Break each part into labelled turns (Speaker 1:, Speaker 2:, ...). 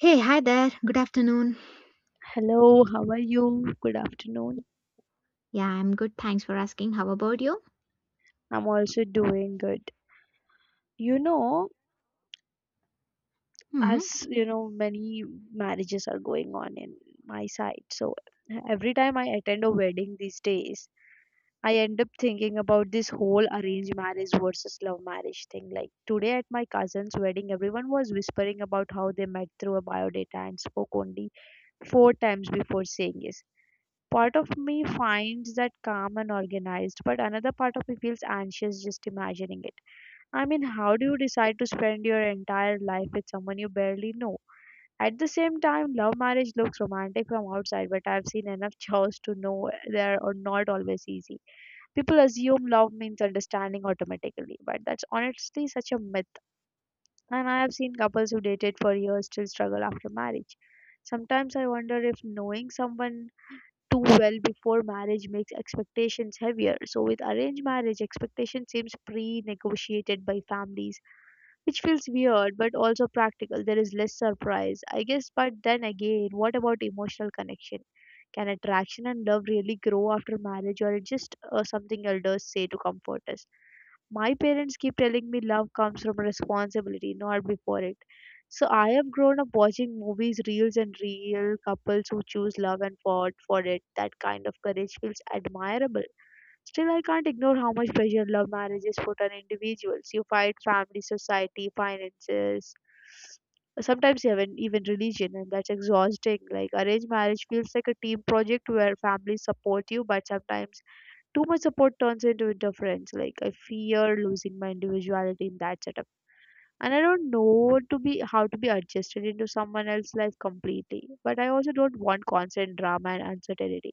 Speaker 1: Hey, hi there. Good afternoon.
Speaker 2: Hello, how are you? Good afternoon.
Speaker 1: Yeah, I'm good. Thanks for asking. How about you?
Speaker 2: I'm also doing good. You know,
Speaker 1: Hmm.
Speaker 2: as you know, many marriages are going on in my side. So every time I attend a wedding these days, I end up thinking about this whole arranged marriage versus love marriage thing. Like today at my cousin's wedding, everyone was whispering about how they met through a biodata and spoke only four times before saying yes. Part of me finds that calm and organized, but another part of me feels anxious just imagining it. I mean, how do you decide to spend your entire life with someone you barely know? At the same time, love marriage looks romantic from outside, but I've seen enough chaos to know they are not always easy. People assume love means understanding automatically, but that's honestly such a myth. And I have seen couples who dated for years still struggle after marriage. Sometimes I wonder if knowing someone too well before marriage makes expectations heavier. So, with arranged marriage, expectation seems pre negotiated by families, which feels weird but also practical. There is less surprise, I guess. But then again, what about emotional connection? Can attraction and love really grow after marriage, or it just something elders say to comfort us? My parents keep telling me love comes from responsibility, not before it. So I have grown up watching movies, reels, and real couples who choose love and fought for it. That kind of courage feels admirable. Still, I can't ignore how much pressure love marriages put on individuals. You fight family, society, finances, sometimes even religion, and that's exhausting. Like arranged marriage feels like a team project where families support you, but sometimes too much support turns into interference. Like I fear losing my individuality in that setup, and I don't know what to be how to be adjusted into someone else's life completely. But I also don't want constant drama and uncertainty.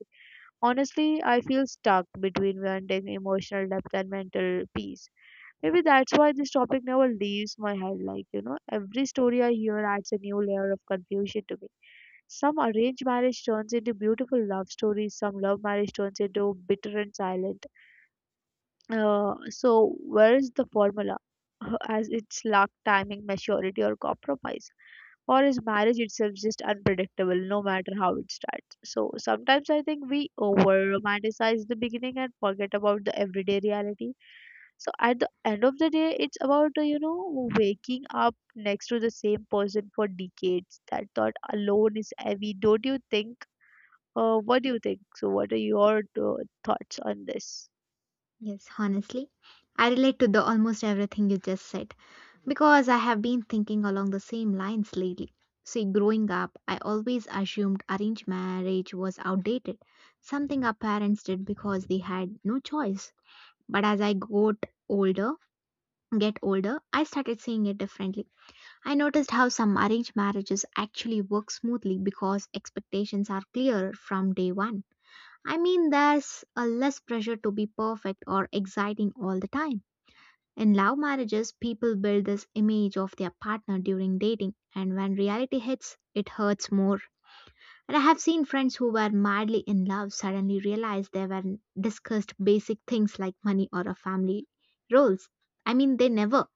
Speaker 2: Honestly, I feel stuck between wanting emotional depth and mental peace. Maybe that's why this topic never leaves my head. Like every story I hear adds a new layer of confusion to me. Some arranged marriage turns into beautiful love stories. Some love marriage turns into bitter and silent. So where is the formula? As it's luck, timing, maturity, or compromise, or is marriage itself just unpredictable, no matter how it starts? So sometimes I think we over romanticize the beginning and forget about the everyday reality. So at the end of the day, it's about waking up next to the same person for decades. That thought alone is heavy. Don't you think? What do you think? So what are your thoughts on this?
Speaker 1: Yes, honestly, I relate to the almost everything you just said because I have been thinking along the same lines lately. See, growing up, I always assumed arranged marriage was outdated, something our parents did because they had no choice. But as I got older, get older, I started seeing it differently. I noticed how some arranged marriages actually work smoothly because expectations are clear from day one. I mean, there's a less pressure to be perfect or exciting all the time. In love marriages, people build this image of their partner during dating, and when reality hits, it hurts more. And I have seen friends who were madly in love suddenly realize they were discussed basic things like money or a family roles. I mean, they never.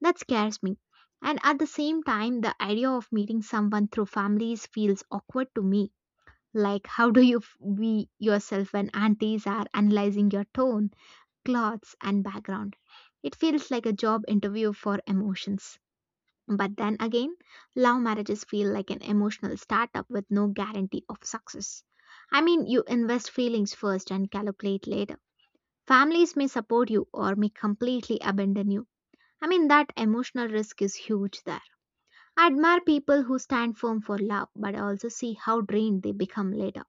Speaker 1: That scares me. And at the same time, the idea of meeting someone through families feels awkward to me. Like, how do you be yourself when aunties are analyzing your tone, clothes, and background? It feels like a job interview for emotions. But then again, love marriages feel like an emotional startup with no guarantee of success. I mean, you invest feelings first and calculate later. Families may support you or may completely abandon you. I mean, that emotional risk is huge there. I admire people who stand firm for love, but I also see how drained they become later.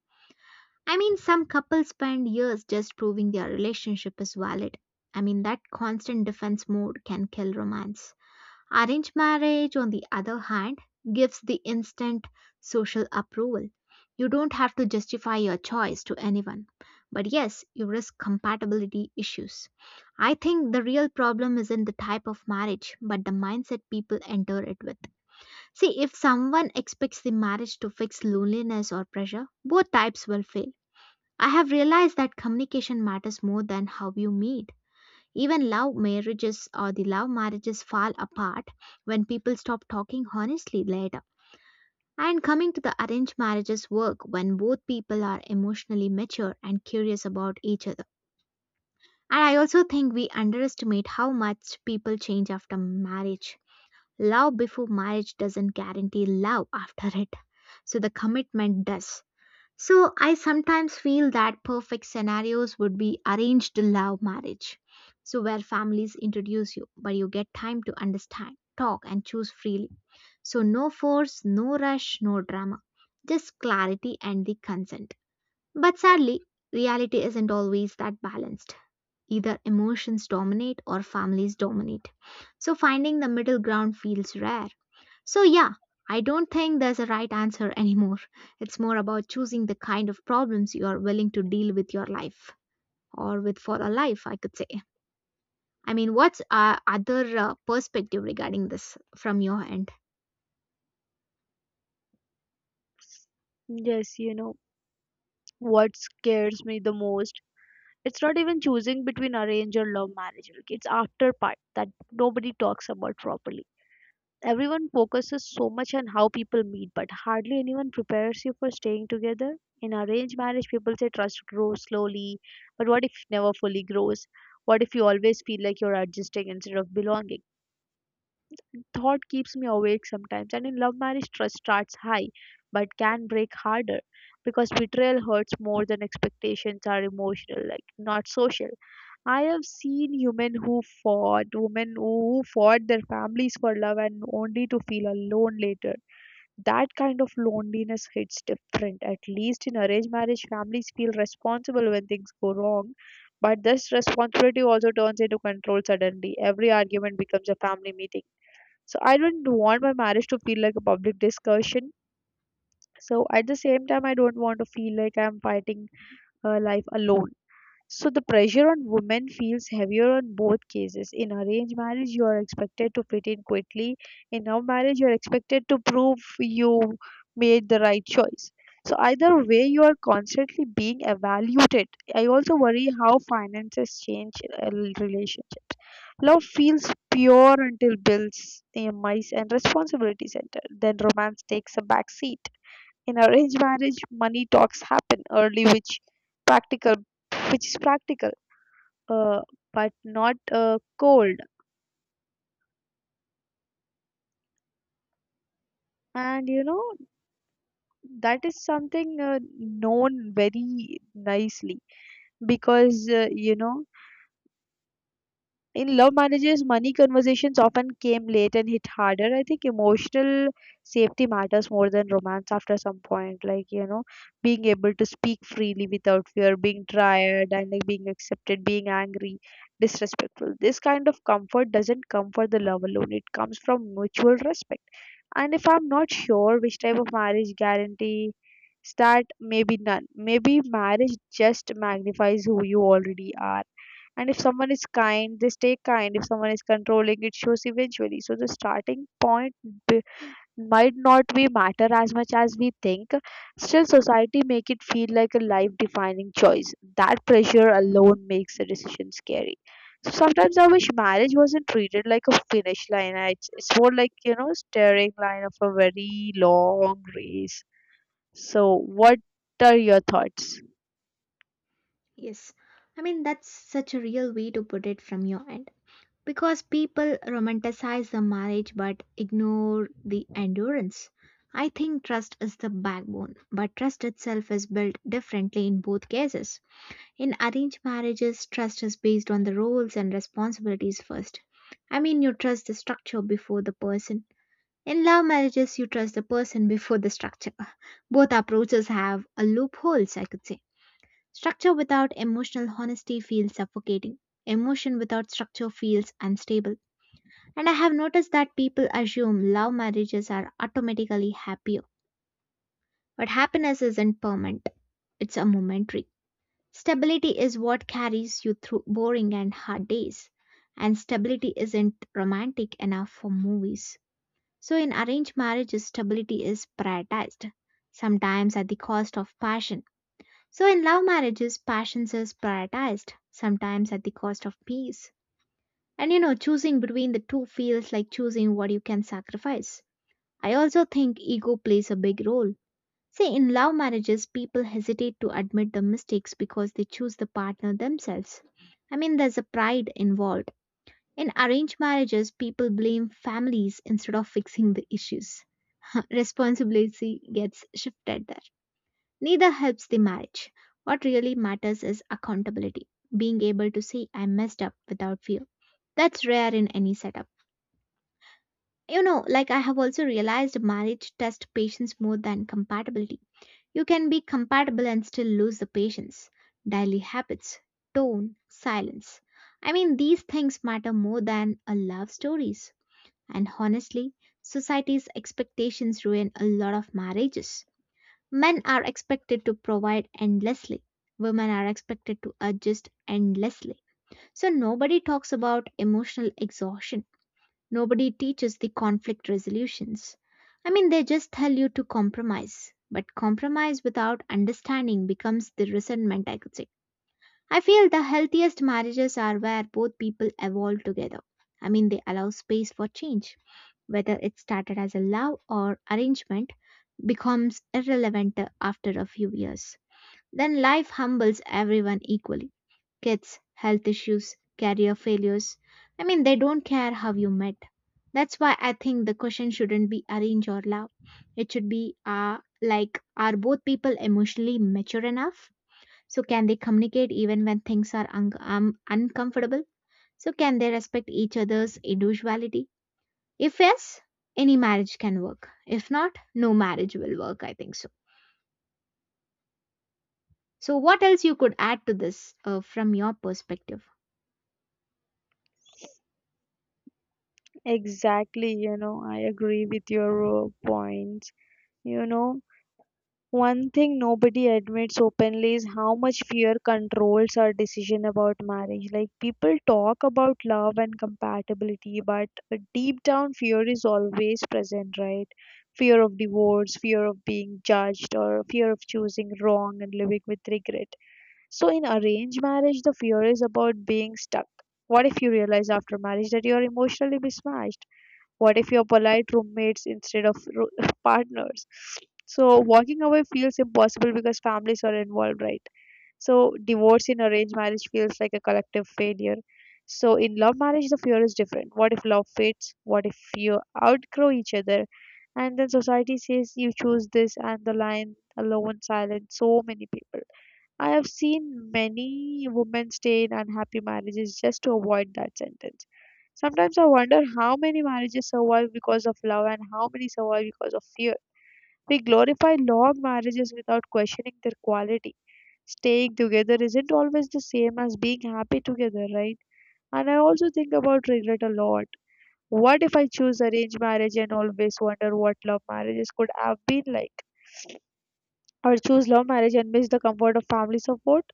Speaker 1: I mean, some couples spend years just proving their relationship is valid. I mean, that constant defense mode can kill romance. Arranged marriage, on the other hand, gives the instant social approval. You don't have to justify your choice to anyone. But yes, you risk compatibility issues. I think the real problem isn't the type of marriage, but the mindset people enter it with. See, if someone expects the marriage to fix loneliness or pressure, both types will fail. I have realized that communication matters more than how you meet. Even love marriages or the love marriages fall apart when people stop talking honestly later. And coming to the arranged marriages work when both people are emotionally mature and curious about each other. And I also think we underestimate how much people change after marriage. Love before marriage doesn't guarantee love after it, so the commitment does. So I sometimes feel that perfect scenarios would be arranged love marriage. So where families introduce you, but you get time to understand, talk and choose freely. So no force, no rush, no drama. Just clarity and the consent. But sadly, reality isn't always that balanced. Either emotions dominate or families dominate. So finding the middle ground feels rare. So, yeah, I don't think there's a right answer anymore. It's more about choosing the kind of problems you are willing to deal with your life or with for a life, I could say. I mean, what's other perspective regarding this from your end?
Speaker 2: Yes, What scares me the most, it's not even choosing between arrange or love marriage. Like it's after part that nobody talks about properly. Everyone focuses so much on how people meet, but hardly anyone prepares you for staying together. In arranged marriage, people say trust grows slowly, but what if never fully grows? What if you always feel like you're adjusting instead of belonging? Thought keeps me awake sometimes. And in love marriage, trust starts high but can break harder because betrayal hurts more than expectations are emotional, like not social. I have seen women who fought their families for love and only to feel alone later. That kind of loneliness hits different. At least in arranged marriage, families feel responsible when things go wrong. But this responsibility also turns into control suddenly. Every argument becomes a family meeting, so I don't want my marriage to feel like a public discussion. So at the same time, I don't want to feel like I'm fighting life alone. So the pressure on women feels heavier on both cases. In arranged marriage, you are expected to fit in quickly. In love marriage, you are expected to prove you made the right choice. So either way, you are constantly being evaluated. I also worry how finances change uh, relationships. Love feels pure until bills, EMIs, and responsibilities enter. Then romance takes a back seat. In arranged marriage, money talks happen early, practical, which is practical, uh, but not cold. And you know that is something known very nicely because in love marriages, money conversations often came late and hit harder. I think emotional safety matters more than romance after some point. Like, being able to speak freely without fear, being tired and like being accepted, being angry, disrespectful. This kind of comfort doesn't come for the love alone, it comes from mutual respect. And if I'm not sure which type of marriage guarantee that, maybe none. Maybe marriage just magnifies who you already are. And if someone is kind, they stay kind. If someone is controlling, it shows eventually. So the starting point be- might not be matter as much as we think. Still, society make it feel like a life defining choice. That pressure alone makes the decision scary. So sometimes I wish marriage wasn't treated like a finish line. It's more like staring line of a very long race. So what are your thoughts?
Speaker 1: Yes. I mean, that's such a real way to put it from your end. Because people romanticize the marriage but ignore the endurance. I think trust is the backbone, but trust itself is built differently in both cases. In arranged marriages, trust is based on the roles and responsibilities first. I mean, you trust the structure before the person. In love marriages, you trust the person before the structure. Both approaches have a loopholes, I could say. Structure without emotional honesty feels suffocating. Emotion without structure feels unstable. And I have noticed that people assume love marriages are automatically happier. But happiness isn't permanent, it's a momentary. Stability is what carries you through boring and hard days, and stability isn't romantic enough for movies. So, in arranged marriages, stability is prioritized, sometimes at the cost of passion. So, in love marriages, passion is prioritized, sometimes at the cost of peace. And you know, choosing between the two feels like choosing what you can sacrifice. I also think ego plays a big role. See, in love marriages, people hesitate to admit the mistakes because they choose the partner themselves. I mean, there's a pride involved. In arranged marriages, people blame families instead of fixing the issues. Responsibility gets shifted there. Neither helps the marriage. What really matters is accountability, being able to say I messed up without fear. That's rare in any setup. You know, like I have also realized marriage tests patience more than compatibility. You can be compatible and still lose the patience, daily habits, tone, silence. I mean, these things matter more than a love stories. And honestly, society's expectations ruin a lot of marriages. Men are expected to provide endlessly. Women are expected to adjust endlessly. So nobody talks about emotional exhaustion. Nobody teaches the conflict resolutions. I mean, they just tell you to compromise. But compromise without understanding becomes the resentment, I could say. I feel the healthiest marriages are where both people evolve together. I mean, they allow space for change. Whether it started as a love or arrangement becomes irrelevant after a few years. Then life humbles everyone equally, kids, health issues, career failures. I mean, they don't care how you met. That's why I think the question shouldn't be arrange or love. It should be like, are both people emotionally mature enough? So, can they communicate even when things are uncomfortable? So, can they respect each other's individuality? If yes, any marriage can work. If not, no marriage will work, I think so. So, what else you could add to this from your perspective?
Speaker 2: Exactly, I agree with your points. you know One thing nobody admits openly is how much fear controls our decision about marriage. Like people talk about love and compatibility, but deep down fear is always present, right? Fear of divorce, fear of being judged, or fear of choosing wrong and living with regret. So in arranged marriage, the fear is about being stuck. What if you realize after marriage that you are emotionally mismatched? What if you're polite roommates instead of partners? So walking away feels impossible because families are involved, right? So divorce in arranged marriage feels like a collective failure. So in love marriage, the fear is different. What if love fades? What if you outgrow each other? And then society says you choose this, and the line alone silent so many people. I have seen many women stay in unhappy marriages just to avoid that sentence. Sometimes I wonder how many marriages survive because of love and how many survive because of fear. We glorify long marriages without questioning their quality. Staying together isn't always the same as being happy together, right? And I also think about regret a lot. What if I choose arranged marriage and always wonder what love marriages could have been like? Or choose love marriage and miss the comfort of family support?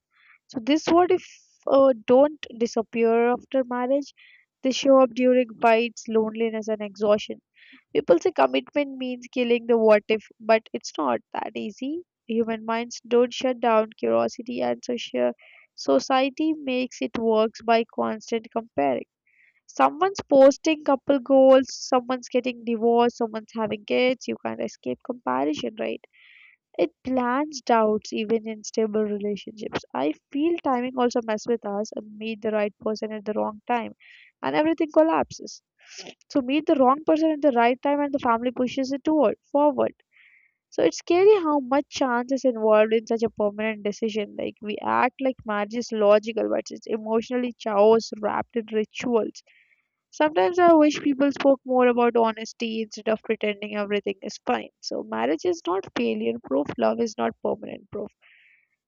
Speaker 2: So this what if don't disappear after marriage? They show up during fights, loneliness, and exhaustion. People say commitment means killing the what if, but it's not that easy. Human minds don't shut down curiosity, and social society makes it works by constant comparing. Someone's posting couple goals, someone's getting divorced, someone's having kids. You can't escape comparison, right? It plants doubts even in stable relationships. I feel timing also messes with us and meet the right person at the wrong time and everything collapses. So meet the wrong person at the right time and the family pushes it toward forward. So it's scary how much chance is involved in such a permanent decision. Like we act like marriage is logical, but it's emotionally chaos wrapped in rituals. Sometimes I wish people spoke more about honesty instead of pretending everything is fine. So, marriage is not failure proof, love is not permanent proof.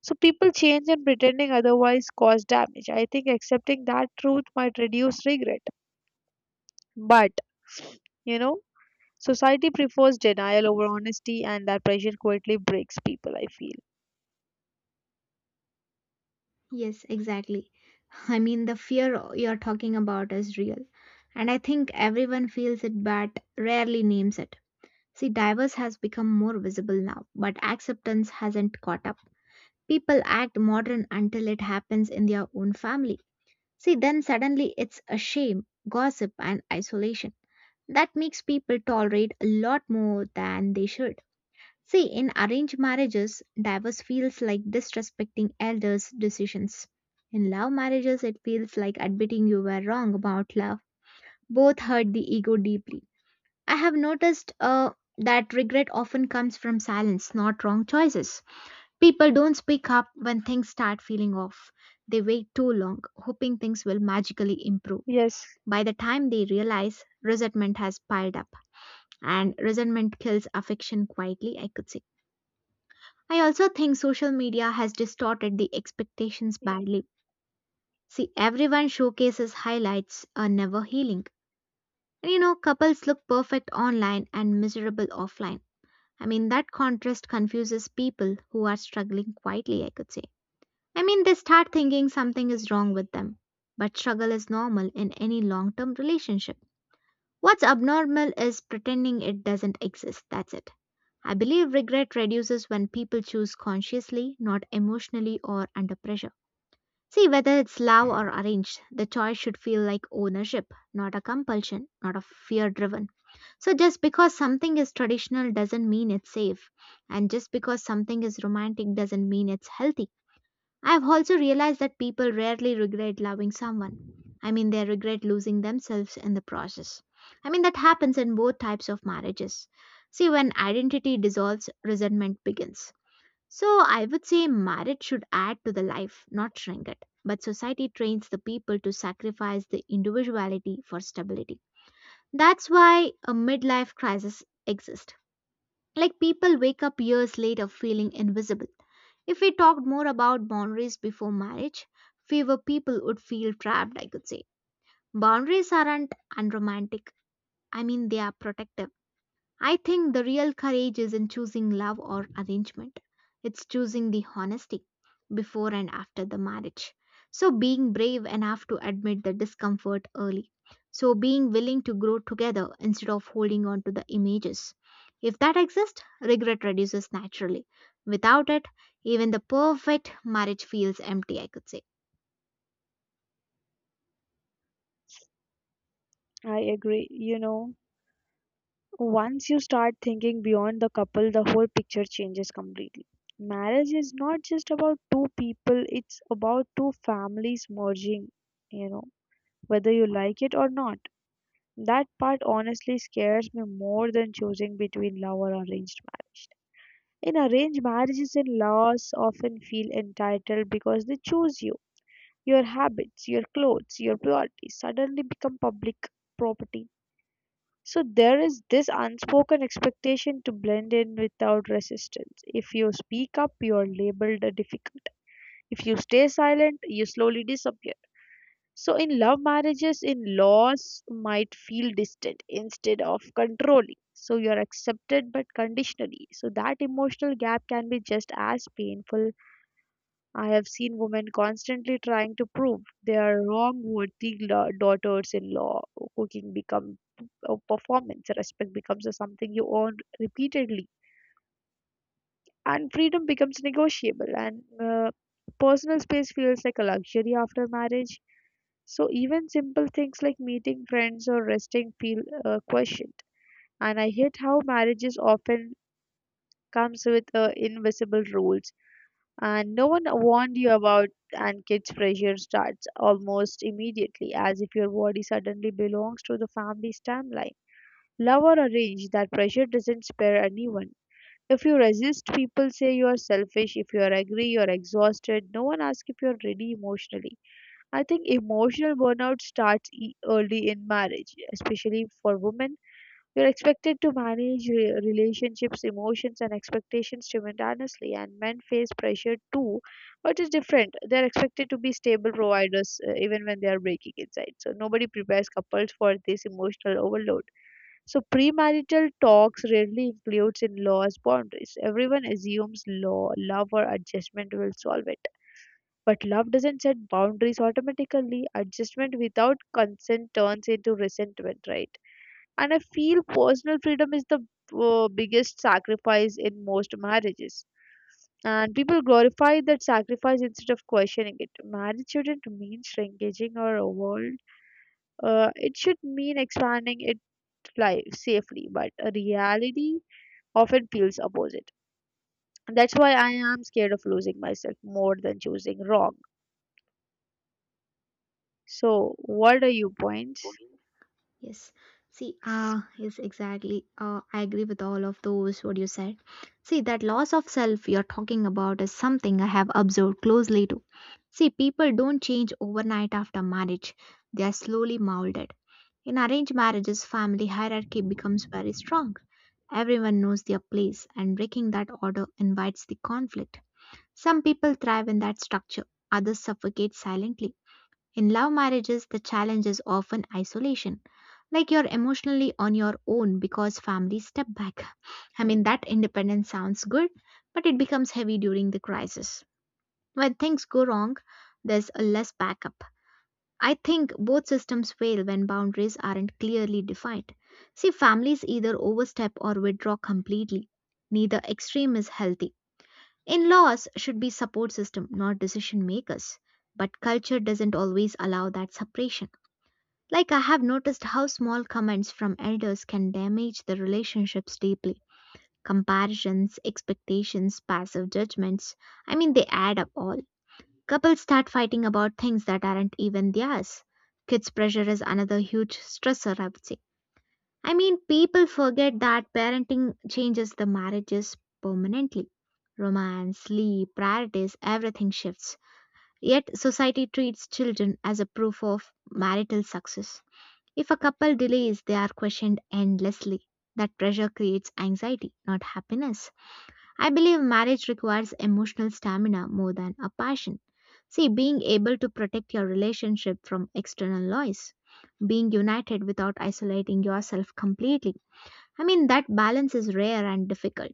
Speaker 2: So, people change and pretending otherwise cause damage. I think accepting that truth might reduce regret. But, you know, society prefers denial over honesty, and that pressure quietly breaks people, I feel.
Speaker 1: Yes, exactly. I mean, the fear you're talking about is real, and I think everyone feels it but rarely names it. See, divorce has become more visible now, but acceptance hasn't caught up. People act modern until it happens in their own family. See, then suddenly it's a shame, gossip, and isolation. That makes people tolerate a lot more than they should. See, in arranged marriages, divorce feels like disrespecting elders' decisions. In love marriages, it feels like admitting you were wrong about love. Both hurt the ego deeply. I have noticed that regret often comes from silence, not wrong choices. People don't speak up when things start feeling off. They wait too long, hoping things will magically improve.
Speaker 2: Yes,
Speaker 1: By the time they realize, resentment has piled up, and resentment kills affection quietly, I could say. I also think social media has distorted the expectations badly. See, everyone showcases highlights are never healing. And you know, couples look perfect online and miserable offline. I mean, that contrast confuses people who are struggling quietly, I could say. I mean, they start thinking something is wrong with them. But struggle is normal in any long term relationship. What's abnormal is pretending it doesn't exist. That's it. I believe regret reduces when people choose consciously, not emotionally or under pressure. See, whether it's love or arranged, the choice should feel like ownership, not a compulsion, not a fear driven. So, just because something is traditional doesn't mean it's safe, and just because something is romantic doesn't mean it's healthy. I've also realized that people rarely regret loving someone. I mean, they regret losing themselves in the process. I mean, that happens in both types of marriages. See, when identity dissolves, resentment begins. So I would say marriage should add to the life, not shrink it. But society trains the people to sacrifice the individuality for stability. That's why a midlife crisis exists. Like people wake up years later feeling invisible. If we talked more about boundaries before marriage, fewer people would feel trapped, I could say. Boundaries aren't unromantic. I mean, they are protective. I think the real courage is in choosing love or arrangement. It's choosing the honesty before and after the marriage. So, being brave enough to admit the discomfort early. So, being willing to grow together instead of holding on to the images. If that exists, regret reduces naturally. Without it, even the perfect marriage feels empty, I could say.
Speaker 2: I agree. Once you start thinking beyond the couple, the whole picture changes completely. Marriage is not just about two people, it's about two families merging, you know, whether you like it or not. That part honestly scares me more than choosing between love or arranged marriage. In arranged marriages, in laws often feel entitled because they choose you. Your habits, your clothes, your priorities suddenly become public property, so there is this unspoken expectation to blend in without resistance. If you speak up, you are labeled a difficult. If you stay silent, you slowly disappear. So in love marriages, in laws might feel distant instead of controlling. So you are accepted but conditionally. So that emotional gap can be just as painful. I have seen women constantly trying to prove they are wrong worthy daughters-in-law. Cooking becomes a performance. Respect becomes a something you earn repeatedly, and freedom becomes negotiable. And personal space feels like a luxury after marriage. So even simple things like meeting friends or resting feel questioned. And I hate how marriages often comes with invisible rules and no one warned you about. And kids pressure starts almost immediately, as if your body suddenly belongs to the family's timeline. Love or arrange, that pressure doesn't spare anyone. If you resist, people say you are selfish. If you are angry, you are exhausted. No one asks if you are ready emotionally. I think emotional burnout starts early in marriage, especially for women. You're expected to manage relationships, emotions, and expectations simultaneously, and men face pressure too, but it's different. They're expected to be stable providers, even when they are breaking inside. So nobody prepares couples for this emotional overload. So premarital talks rarely includes in-laws boundaries. Everyone assumes law, love, or adjustment will solve it. But love doesn't set boundaries automatically. Adjustment without consent turns into resentment, right? And I feel personal freedom is the biggest sacrifice in most marriages, and people glorify that sacrifice instead of questioning it. Marriage shouldn't mean shrinking or world, it should mean expanding it, life safely, but reality often feels opposite. That's why I am scared of losing myself more than choosing wrong. So what are your points?
Speaker 1: Yes. See, yes, exactly. I agree with all of those what you said. See, that loss of self you're talking about is something I have observed closely too. See, people don't change overnight after marriage. They are slowly molded. In arranged marriages, family hierarchy becomes very strong. Everyone knows their place, and breaking that order invites the conflict. Some people thrive in that structure, others suffocate silently. In love marriages, the challenge is often isolation, like you're emotionally on your own because family step back. I mean, that independence sounds good, but it becomes heavy during the crisis. When things go wrong, there's a less backup. I think both systems fail when boundaries aren't clearly defined. See, families either overstep or withdraw completely. Neither extreme is healthy. In laws should be support system, not decision makers. But culture doesn't always allow that separation. Like, I have noticed how small comments from elders can damage the relationships deeply. Comparisons, expectations, passive judgments. They add up all. Couples start fighting about things that aren't even theirs. Kids' pressure is another huge stressor, I would say. I mean, people forget that parenting changes the marriages permanently. Romance, sleep, priorities, everything shifts. Yet, society treats children as a proof of marital success. If a couple delays, they are questioned endlessly. That pressure creates anxiety, not happiness. I believe marriage requires emotional stamina more than a passion. See, being able to protect your relationship from external noise, being united without isolating yourself completely. I mean, that balance is rare and difficult,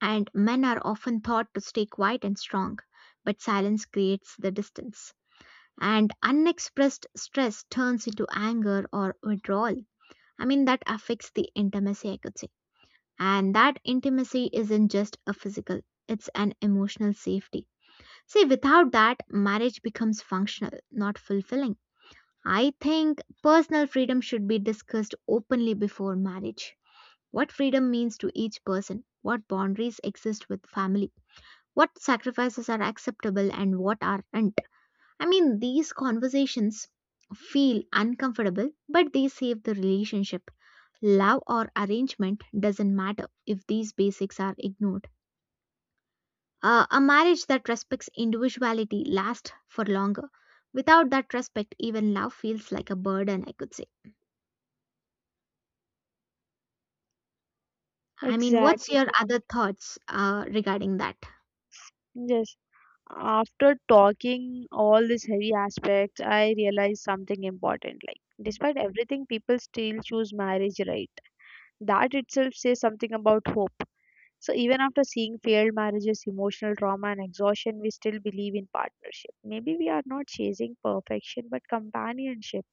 Speaker 1: and men are often taught to stay quiet and strong, but silence creates the distance. And unexpressed stress turns into anger or withdrawal. I mean, that affects the intimacy, I could say. And that intimacy isn't just a physical, it's an emotional safety. See, without that, marriage becomes functional, not fulfilling. I think personal freedom should be discussed openly before marriage. What freedom means to each person, what boundaries exist with family, what sacrifices are acceptable and what aren't. I mean, these conversations feel uncomfortable, but they save the relationship. Love or arrangement doesn't matter if these basics are ignored. A marriage that respects individuality lasts for longer. Without that respect, even love feels like a burden, I could say. I mean, what's
Speaker 2: Exactly.
Speaker 1: your other thoughts regarding that?
Speaker 2: Yes. After talking all these heavy aspects, I realized something important. Like, despite everything, people still choose marriage, right? That itself says something about hope. So, even after seeing failed marriages, emotional trauma, and exhaustion, we still believe in partnership. Maybe we are not chasing perfection, but companionship.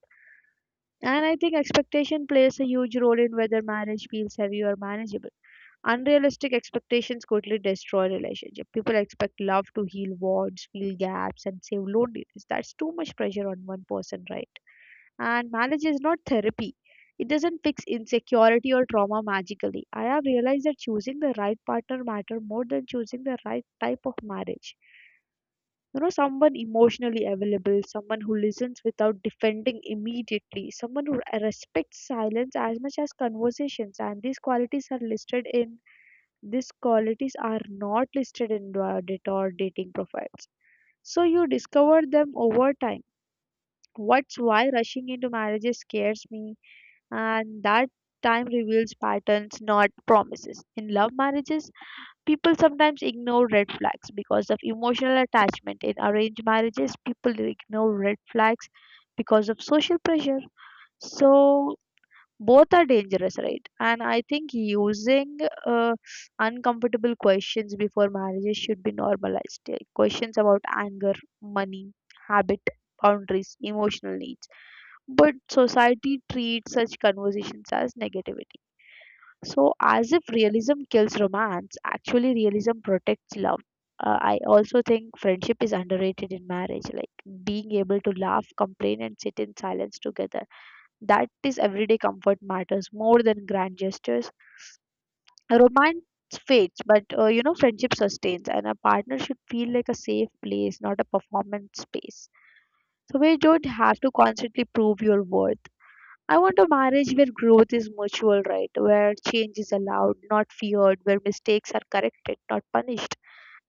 Speaker 2: And I think expectation plays a huge role in whether marriage feels heavy or manageable. Unrealistic expectations quickly destroy relationships. People expect love to heal wounds, fill gaps, and save loneliness. That's too much pressure on one person, right? And marriage is not therapy. It doesn't fix insecurity or trauma magically. I have realized that choosing the right partner matter more than choosing the right type of marriage. You know, someone emotionally available, someone who listens without defending immediately, someone who respects silence as much as conversations, and these qualities are not listed in Reddit or dating profiles, so you discover them over time. What's why rushing into marriages scares me, and that time reveals patterns, not promises. In love marriages, people sometimes ignore red flags because of emotional attachment. In arranged marriages, people ignore red flags because of social pressure. So both are dangerous, right? And I think using uh, uncomfortable questions before marriages should be normalized. Like, questions about anger, money, habit, boundaries, emotional needs. But society treats such conversations as negativity, so as if realism kills romance. Actually, realism protects love. I also think friendship is underrated in marriage, like being able to laugh, complain, and sit in silence together. That is everyday comfort matters more than grand gestures. A romance fades, but you know, friendship sustains, and a partner should feel like a safe place, not a performance space. So, we don't have to constantly prove your worth. I want a marriage where growth is mutual, right? Where change is allowed, not feared, where mistakes are corrected, not punished.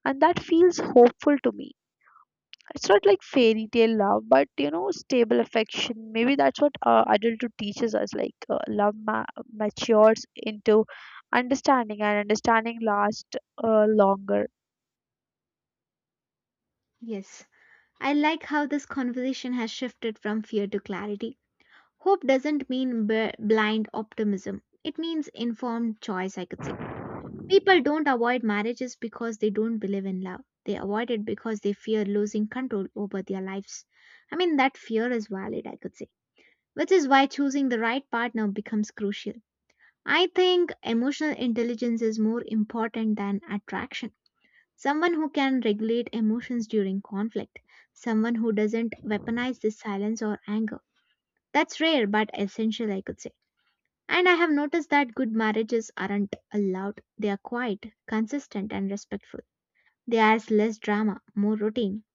Speaker 2: And that feels hopeful to me. It's not like fairy tale love, but you know, stable affection. Maybe that's what adulthood teaches us, like love matures into understanding, and understanding lasts longer.
Speaker 1: Yes, I like how this conversation has shifted from fear to clarity. Hope doesn't mean blind optimism, it means informed choice, I could say. People don't avoid marriages because they don't believe in love. They avoid it because they fear losing control over their lives. I mean, that fear is valid, I could say, which is why choosing the right partner becomes crucial. I think emotional intelligence is more important than attraction. Someone who can regulate emotions during conflict, someone who doesn't weaponize this silence or anger. That's rare but essential, I could say. And I have noticed that good marriages aren't loud. They are quiet, consistent, and respectful. There's less drama, more routine.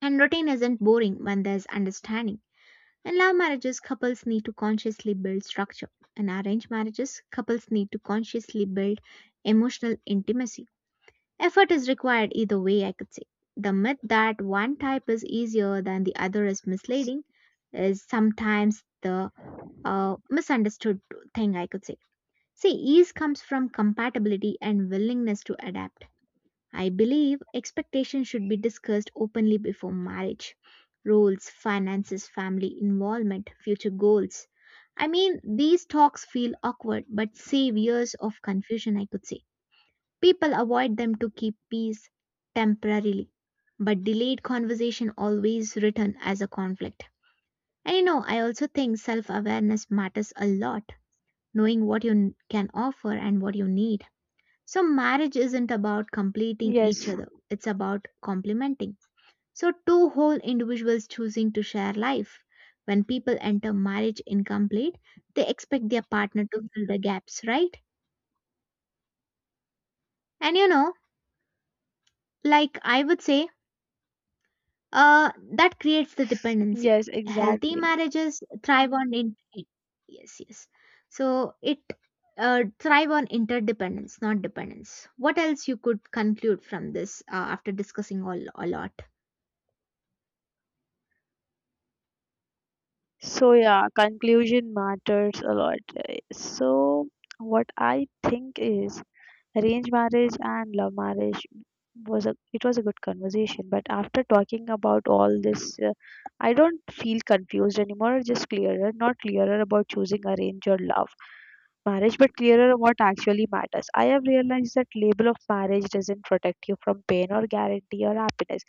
Speaker 1: And routine isn't boring when there's understanding. In love marriages, couples need to consciously build structure. In arranged marriages, couples need to consciously build emotional intimacy. Effort is required either way, I could say. The myth that one type is easier than the other is misleading, is sometimes the misunderstood thing, I could say. See, ease comes from compatibility and willingness to adapt. I believe expectations should be discussed openly before marriage. Roles, finances, family involvement, future goals. I mean, these talks feel awkward but save years of confusion, I could say. People avoid them to keep peace temporarily, but delayed conversation always return as a conflict. And you know, I also think self awareness matters a lot, knowing what you can offer and what you need, so marriage isn't about completing each
Speaker 2: Yes.
Speaker 1: other, it's about complementing. So, two whole individuals choosing to share life. When people enter marriage incomplete, they expect their partner to fill the gaps, right? And you know, like I would say, uh, that creates the dependency.
Speaker 2: Yes,
Speaker 1: Healthy
Speaker 2: exactly.
Speaker 1: marriages thrive on yes, yes. So it thrive on interdependence, not dependence. What else you could conclude from this after discussing all a lot?
Speaker 2: So yeah, conclusion matters a lot, right? So what I think is arranged marriage and love marriage was a it was a good conversation. But after talking about all this, I don't feel confused anymore, just clearer. Not clearer about choosing arrange or love marriage, but clearer what actually matters. I have realized that label of marriage doesn't protect you from pain or guarantee or happiness.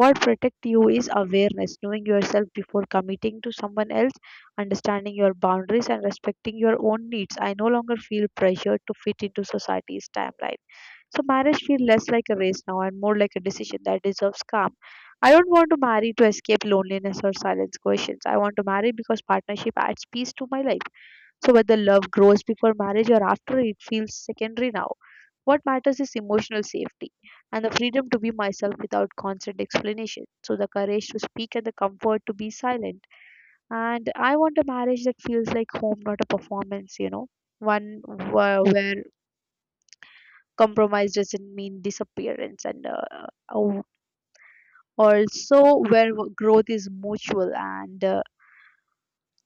Speaker 2: What protects you is awareness, knowing yourself before committing to someone else, understanding your boundaries, and respecting your own needs. I no longer feel pressured to fit into society's timeline. So, marriage feels less like a race now and more like a decision that deserves calm. I don't want to marry to escape loneliness or silence questions. I want to marry because partnership adds peace to my life. So whether love grows before marriage or after, it feels secondary now. What matters is emotional safety and the freedom to be myself without constant explanation. So the courage to speak and the comfort to be silent. And I want a marriage that feels like home, not a performance, you know, one where compromise doesn't mean disappearance, and uh, also where growth is mutual, and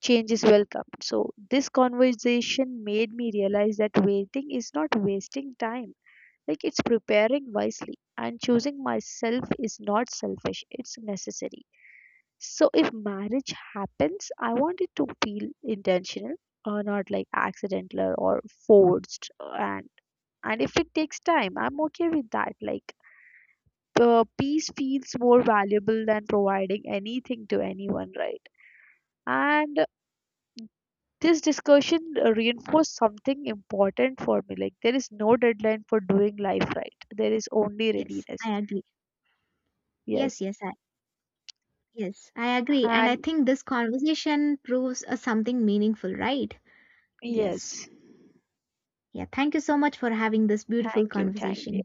Speaker 2: change is welcome. So, this conversation made me realize that waiting is not wasting time, like it's preparing wisely, and choosing myself is not selfish, it's necessary. So, if marriage happens, I want it to feel intentional, or not like accidental or forced. And if it takes time, I'm okay with that. Like, peace feels more valuable than providing anything to anyone, right? And this discussion reinforced something important for me. Like there is no deadline for doing life right. There is only
Speaker 1: Yes,
Speaker 2: readiness.
Speaker 1: I agree. Yes,
Speaker 2: Yes.
Speaker 1: yes, I agree. And I
Speaker 2: And
Speaker 1: think this conversation proves something meaningful, right? Yes.
Speaker 2: yes.
Speaker 1: Yeah, thank you so much for having this beautiful
Speaker 2: Thank you. Thank you.
Speaker 1: conversation.